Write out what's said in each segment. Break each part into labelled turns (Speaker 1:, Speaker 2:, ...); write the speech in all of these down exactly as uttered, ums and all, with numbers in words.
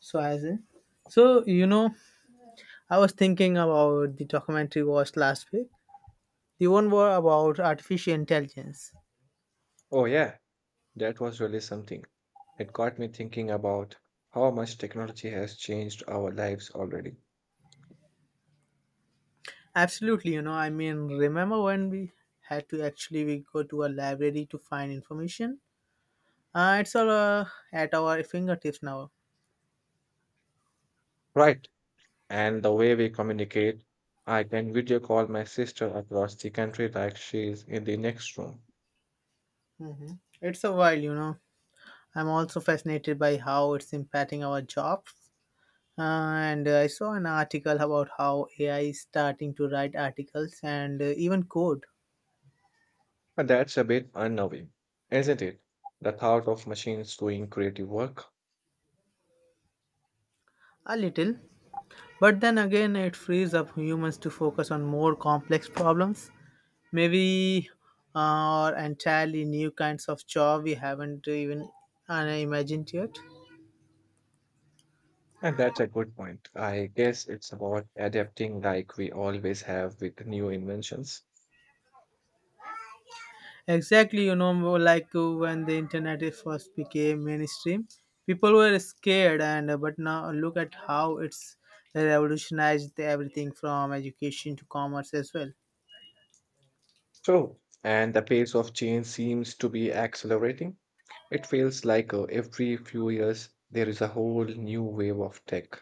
Speaker 1: So as in, so you know, I was thinking about the documentary watched last week. The one was about artificial intelligence.
Speaker 2: Oh, yeah, that was really something. It got me thinking about how much technology has changed our lives already.
Speaker 1: Absolutely, you know, I mean, remember when we had to actually we go to a library to find information? Uh, it's all uh, at our fingertips now.
Speaker 2: Right, and the way we communicate. I can video call my sister across the country like she's in the next room.
Speaker 1: hmm It's a while, you know. I'm also fascinated by how it's impacting our jobs. Uh, and I saw an article about how A I is starting to write articles and uh, even code.
Speaker 2: But that's a bit unnerving, isn't it? The thought of machines doing creative work.
Speaker 1: A little. But then again, it frees up humans to focus on more complex problems, maybe uh, or entirely new kinds of job we haven't even uh, imagined yet.
Speaker 2: And that's a good point. I guess it's about adapting like we always have with new inventions.
Speaker 1: Exactly, you know, more like uh, when the internet is first became mainstream, people were scared, and uh, but now look at how it's revolutionized everything from education to commerce as well.
Speaker 2: True. And the pace of change seems to be accelerating. It feels like uh, every few years there is a whole new wave of tech.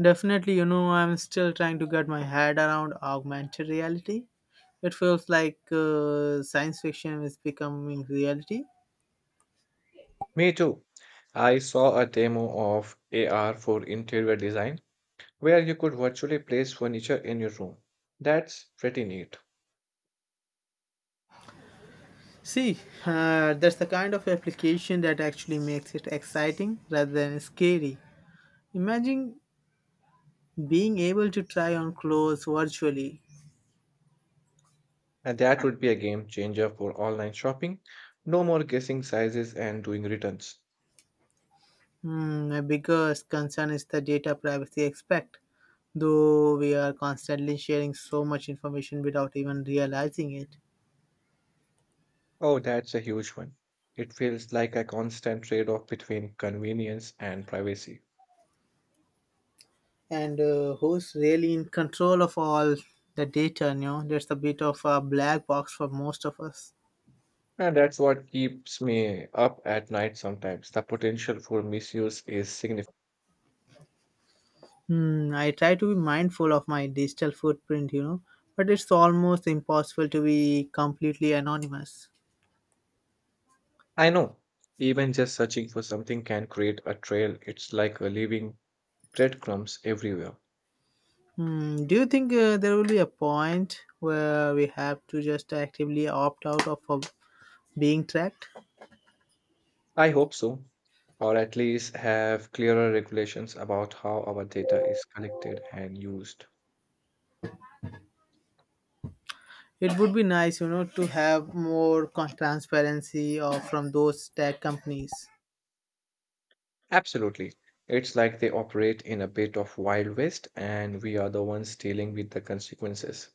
Speaker 1: Definitely, you know, I'm still trying to get my head around augmented reality. It feels like uh, science fiction is becoming reality.
Speaker 2: Me too. I saw a demo of A R for interior design where you could virtually place furniture in your room. That's pretty neat.
Speaker 1: See, uh, that's the kind of application that actually makes it exciting rather than scary. Imagine being able to try on clothes virtually.
Speaker 2: And that would be a game changer for online shopping. No more guessing sizes and doing returns.
Speaker 1: Hmm, my biggest concern is the data privacy aspect, though we are constantly sharing so much information without even realizing it.
Speaker 2: Oh, that's a huge one. It feels like a constant trade off between convenience and privacy.
Speaker 1: And uh, Who's really in control of all the data you know That's a bit of a black box for most of us.
Speaker 2: And that's what keeps me up at night sometimes. The potential for misuse is significant.
Speaker 1: hmm, I try to be mindful of my digital footprint, you know but it's almost impossible to be completely anonymous.
Speaker 2: I know, even just searching for something can create a trail. It's like leaving breadcrumbs everywhere.
Speaker 1: Hmm, do you think uh, there will be a point where we have to just actively opt out of uh, being tracked?
Speaker 2: I hope so, or at least have clearer regulations about how our data is collected and used.
Speaker 1: It would be nice, you know to have more con- transparency or from those tech companies.
Speaker 2: Absolutely. It's like they operate in a bit of Wild West, and we are the ones dealing with the consequences.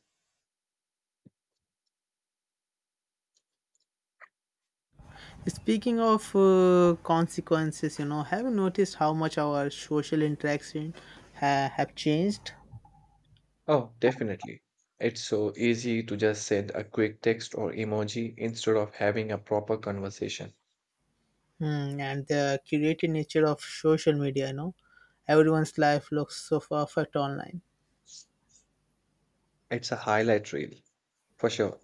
Speaker 1: Speaking of uh, consequences, you know, have you noticed how much our social interaction ha- have changed?
Speaker 2: Oh, definitely. It's so easy to just send a quick text or emoji instead of having a proper conversation.
Speaker 1: Hmm, and the curated nature of social media, you know, everyone's life looks so perfect online.
Speaker 2: It's a highlight reel, for sure.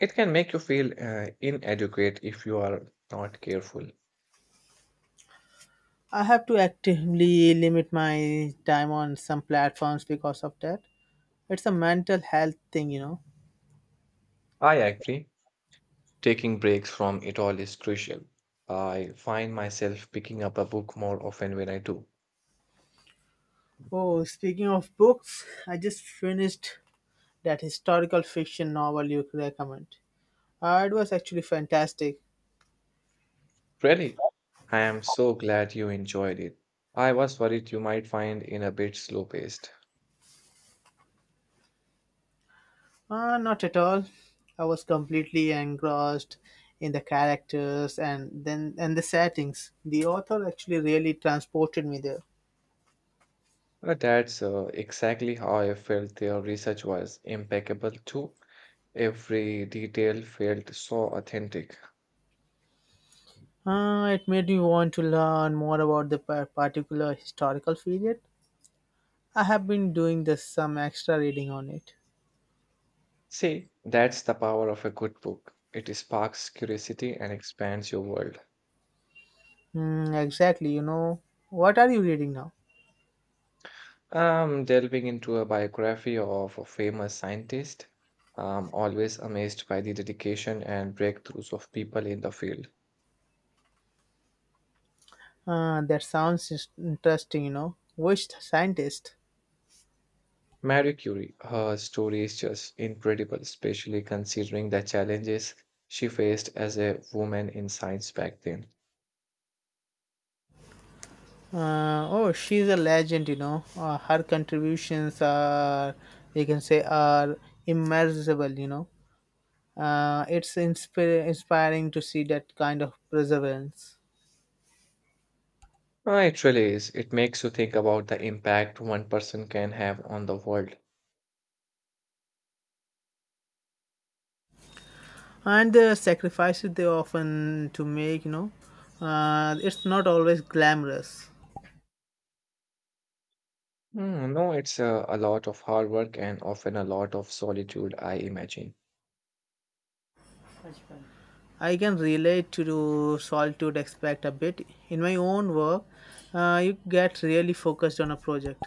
Speaker 2: It can make you feel uh, inadequate if you are not careful.
Speaker 1: I have to actively limit my time on some platforms because of that. It's a mental health thing, you know.
Speaker 2: I agree. Taking breaks from it all is crucial. I find myself picking up a book more often when I do.
Speaker 1: Oh, speaking of books, I just finished that historical fiction novel you recommend. Uh, it was actually fantastic.
Speaker 2: Really? I am so glad you enjoyed it. I was worried you might find it a bit slow paced.
Speaker 1: Uh, not at all. I was completely engrossed in the characters and then and the settings. The author actually really transported me there.
Speaker 2: Uh, That's uh, exactly how I felt their research was impeccable too. Every detail felt so authentic.
Speaker 1: Uh, it made me want to learn more about the par- particular historical period. I have been doing this, some extra reading on it.
Speaker 2: See, that's the power of a good book. It sparks curiosity and expands your world.
Speaker 1: Hmm, exactly, you know. What are you reading now?
Speaker 2: I'm delving into a biography of a famous scientist. I'm always amazed by the dedication and breakthroughs of people in the field.
Speaker 1: Uh, that sounds is- interesting, you know. Which scientist?
Speaker 2: Marie Curie, her story is just incredible, especially considering the challenges she faced as a woman in science back then.
Speaker 1: Uh, oh, she's a legend, you know. Uh, her contributions are, you can say, are immeasurable, you know. Uh, it's inspir- inspiring to see that kind of perseverance.
Speaker 2: Ah, it really is. It makes you think about the impact one person can have on the world.
Speaker 1: And the sacrifices they often to make, you know. Uh, it's not always glamorous.
Speaker 2: Hmm, no, it's a, a lot of hard work and often a lot of solitude, I imagine.
Speaker 1: I can relate to solitude aspect a bit. In my own work, uh, you get really focused on a project.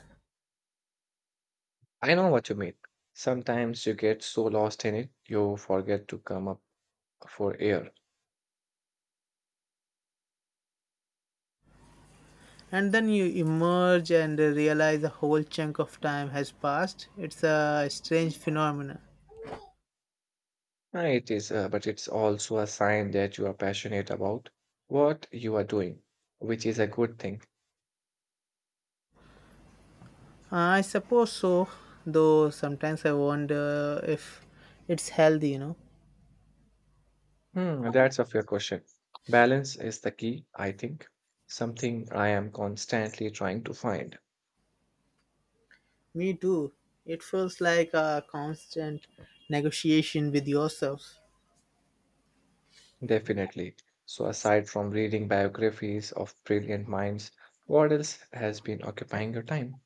Speaker 2: I know what you mean. Sometimes you get so lost in it, you forget to come up for air.
Speaker 1: And then you emerge and realize a whole chunk of time has passed. It's a strange phenomenon.
Speaker 2: Uh, It is, uh, but it's also a sign that you are passionate about what you are doing, which is a good thing.
Speaker 1: I suppose so, though sometimes I wonder if it's healthy, you know.
Speaker 2: Hmm, that's a fair question. Balance is the key, I think. Something I am constantly trying to find,
Speaker 1: Me too. It feels like a constant negotiation with yourself.
Speaker 2: definitely. So, aside from reading biographies of brilliant minds, what else has been occupying your time?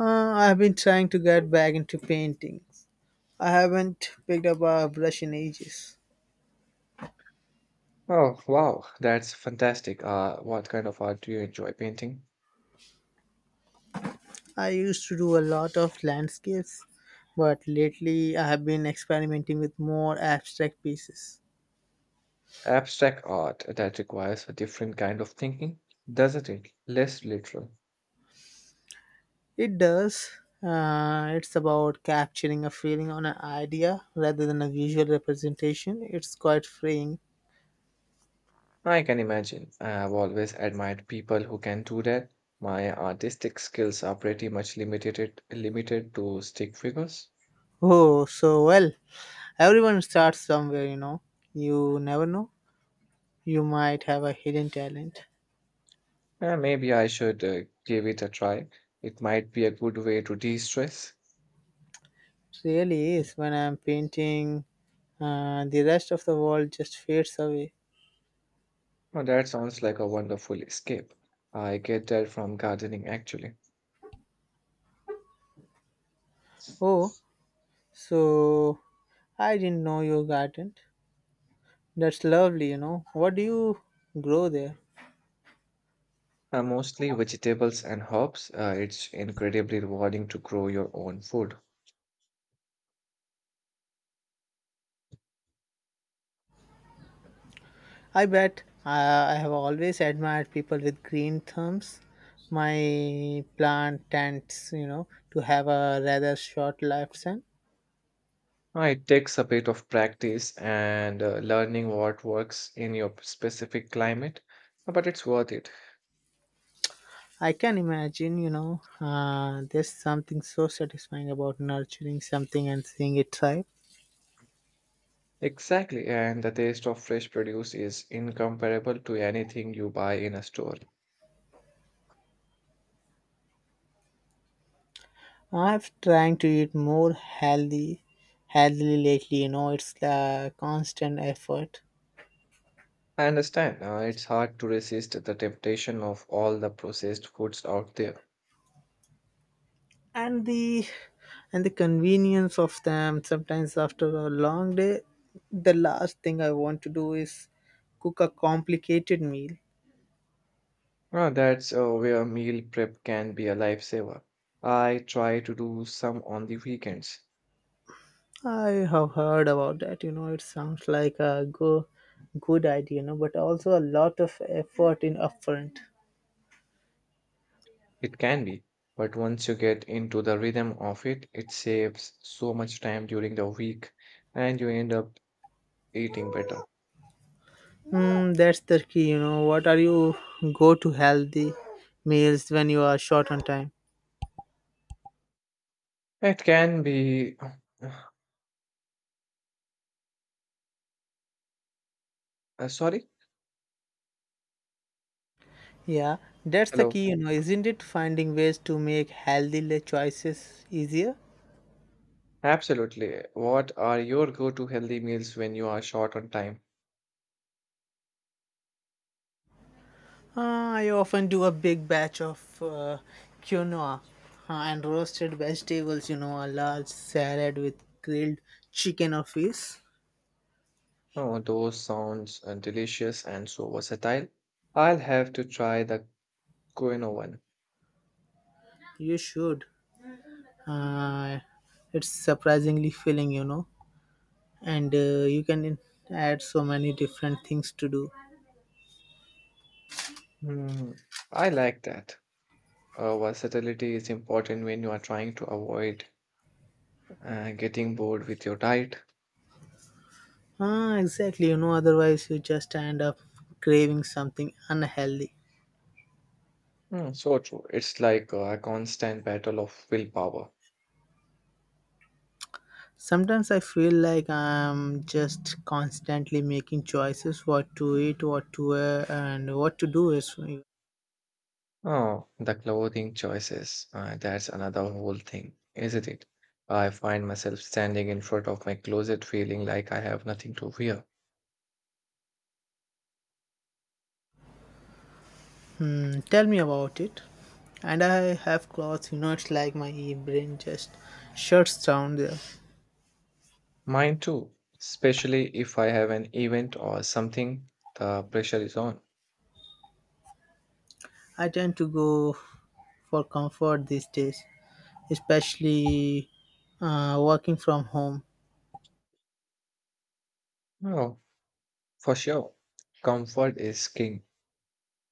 Speaker 1: Uh, I've been trying to get back into paintings. I haven't picked up a brush in ages.
Speaker 2: Oh, wow, that's fantastic. Uh, what kind of art do you enjoy painting?
Speaker 1: I used to do a lot of landscapes, but lately I have been experimenting with more abstract pieces.
Speaker 2: Abstract art that requires a different kind of thinking, doesn't it? Less literal.
Speaker 1: It does. Uh, it's about capturing a feeling on an idea rather than a visual representation. It's quite freeing.
Speaker 2: I can imagine. I have always admired people who can do that. My artistic skills are pretty much limited limited to stick figures.
Speaker 1: Oh, so well. Everyone starts somewhere, you know. You never know. You might have a hidden talent.
Speaker 2: Uh, maybe I should uh, give it a try. It might be a good way to de-stress.
Speaker 1: It really is. When I'm painting, uh, the rest of the world just fades away.
Speaker 2: Oh, that sounds like a wonderful escape. I get that from gardening actually.
Speaker 1: Oh, So I didn't know your garden. That's lovely, you know. What do you grow there?
Speaker 2: Uh, mostly vegetables and herbs. Uh, it's incredibly rewarding to grow your own food.
Speaker 1: I bet uh, I have always admired people with green thumbs. My plant tends, you know, to have a rather short lifespan.
Speaker 2: Uh, It takes a bit of practice and uh, learning what works in your specific climate, but it's worth it.
Speaker 1: I can imagine, you know, uh, There's something so satisfying about nurturing something and seeing it thrive.
Speaker 2: Exactly, and the taste of fresh produce is incomparable to anything you buy in a store.
Speaker 1: I've trying to eat more healthy, healthily lately. You know, it's a constant effort.
Speaker 2: I understand, uh, it's hard to resist the temptation of all the processed foods out there.
Speaker 1: and the and the convenience of them. Sometimes after a long day, the last thing I want to do is cook a complicated meal.
Speaker 2: Uh, that's uh, where meal prep can be a lifesaver. I try to do some on the weekends.
Speaker 1: I have heard about that. You know it sounds like a go, good idea, you know but also a lot of effort in upfront.
Speaker 2: It can be, but once you get into the rhythm of it, it saves so much time during the week and you end up eating better.
Speaker 1: Mm, that's the key. You know what are you go to healthy meals when you are short on time?
Speaker 2: It can be. Uh, sorry?
Speaker 1: Yeah, that's the
Speaker 2: Hello.
Speaker 1: key, you know isn't it, finding ways to make healthy le- choices easier?
Speaker 2: Absolutely. What are your go-to healthy meals when you are short on time?
Speaker 1: Uh, I often do a big batch of uh, quinoa uh, and roasted vegetables, you know, a large salad with grilled chicken or fish.
Speaker 2: Oh, those sounds uh, delicious and so versatile. I'll have to try the quinoa one.
Speaker 1: You should. Uh, it's surprisingly filling, you know, and uh, you can in- add so many different things to do.
Speaker 2: Hmm, I like that. Uh, versatility is important when you are trying to avoid uh, getting bored with your diet.
Speaker 1: Ah, exactly, you know, otherwise you just end up craving something unhealthy.
Speaker 2: Hmm, so true. It's like uh, a constant battle of willpower.
Speaker 1: Sometimes I feel like I'm just constantly making choices what to eat, what to wear, and what to do. Is
Speaker 2: Oh, the clothing choices. Uh, that's another whole thing, isn't it? I find myself standing in front of my closet feeling like I have nothing to wear.
Speaker 1: hmm, Tell me about it. And I have clothes, you know, it's like my brain just shuts down there.
Speaker 2: Mine too, especially if I have an event or something, the pressure is on.
Speaker 1: I tend to go for comfort these days, especially uh, working from home.
Speaker 2: Oh, for sure. Comfort is king.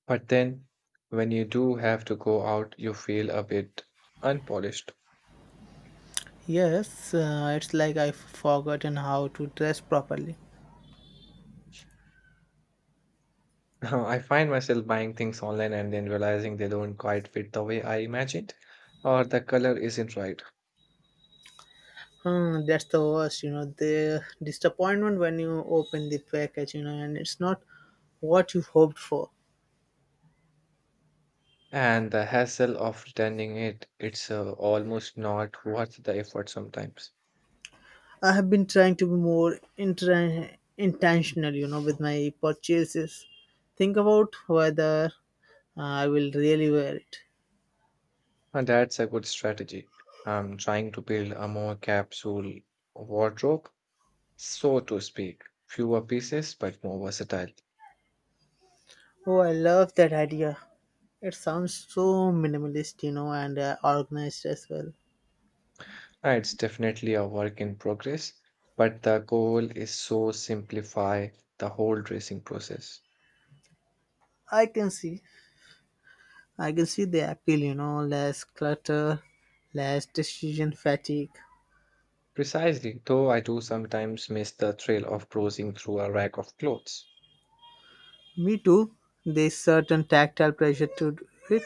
Speaker 2: But then, when you do have to go out, you feel a bit unpolished.
Speaker 1: Yes, uh, it's like I've forgotten how to dress properly.
Speaker 2: I find myself buying things online and then realizing they don't quite fit the way I imagined, or the color isn't right.
Speaker 1: Hmm, that's the worst, you know, the disappointment when you open the package, you know, and it's not what you hoped for.
Speaker 2: And the hassle of returning it, it's uh, almost not worth the effort sometimes.
Speaker 1: I have been trying to be more intra- intentional, you know, with my purchases. Think about whether uh, I will really wear it.
Speaker 2: And that's a good strategy. I'm trying to build a more capsule wardrobe, so to speak. Fewer pieces, but more versatile.
Speaker 1: Oh, I love that idea. It sounds so minimalist, you know, and uh, organized as well.
Speaker 2: Uh, It's definitely a work in progress, but the goal is so simplify the whole dressing process.
Speaker 1: I can see, I can see the appeal, you know, less clutter, less decision fatigue.
Speaker 2: Precisely, though I do sometimes miss the thrill of browsing through a rack of clothes.
Speaker 1: Me too. There's certain tactile pressure to it.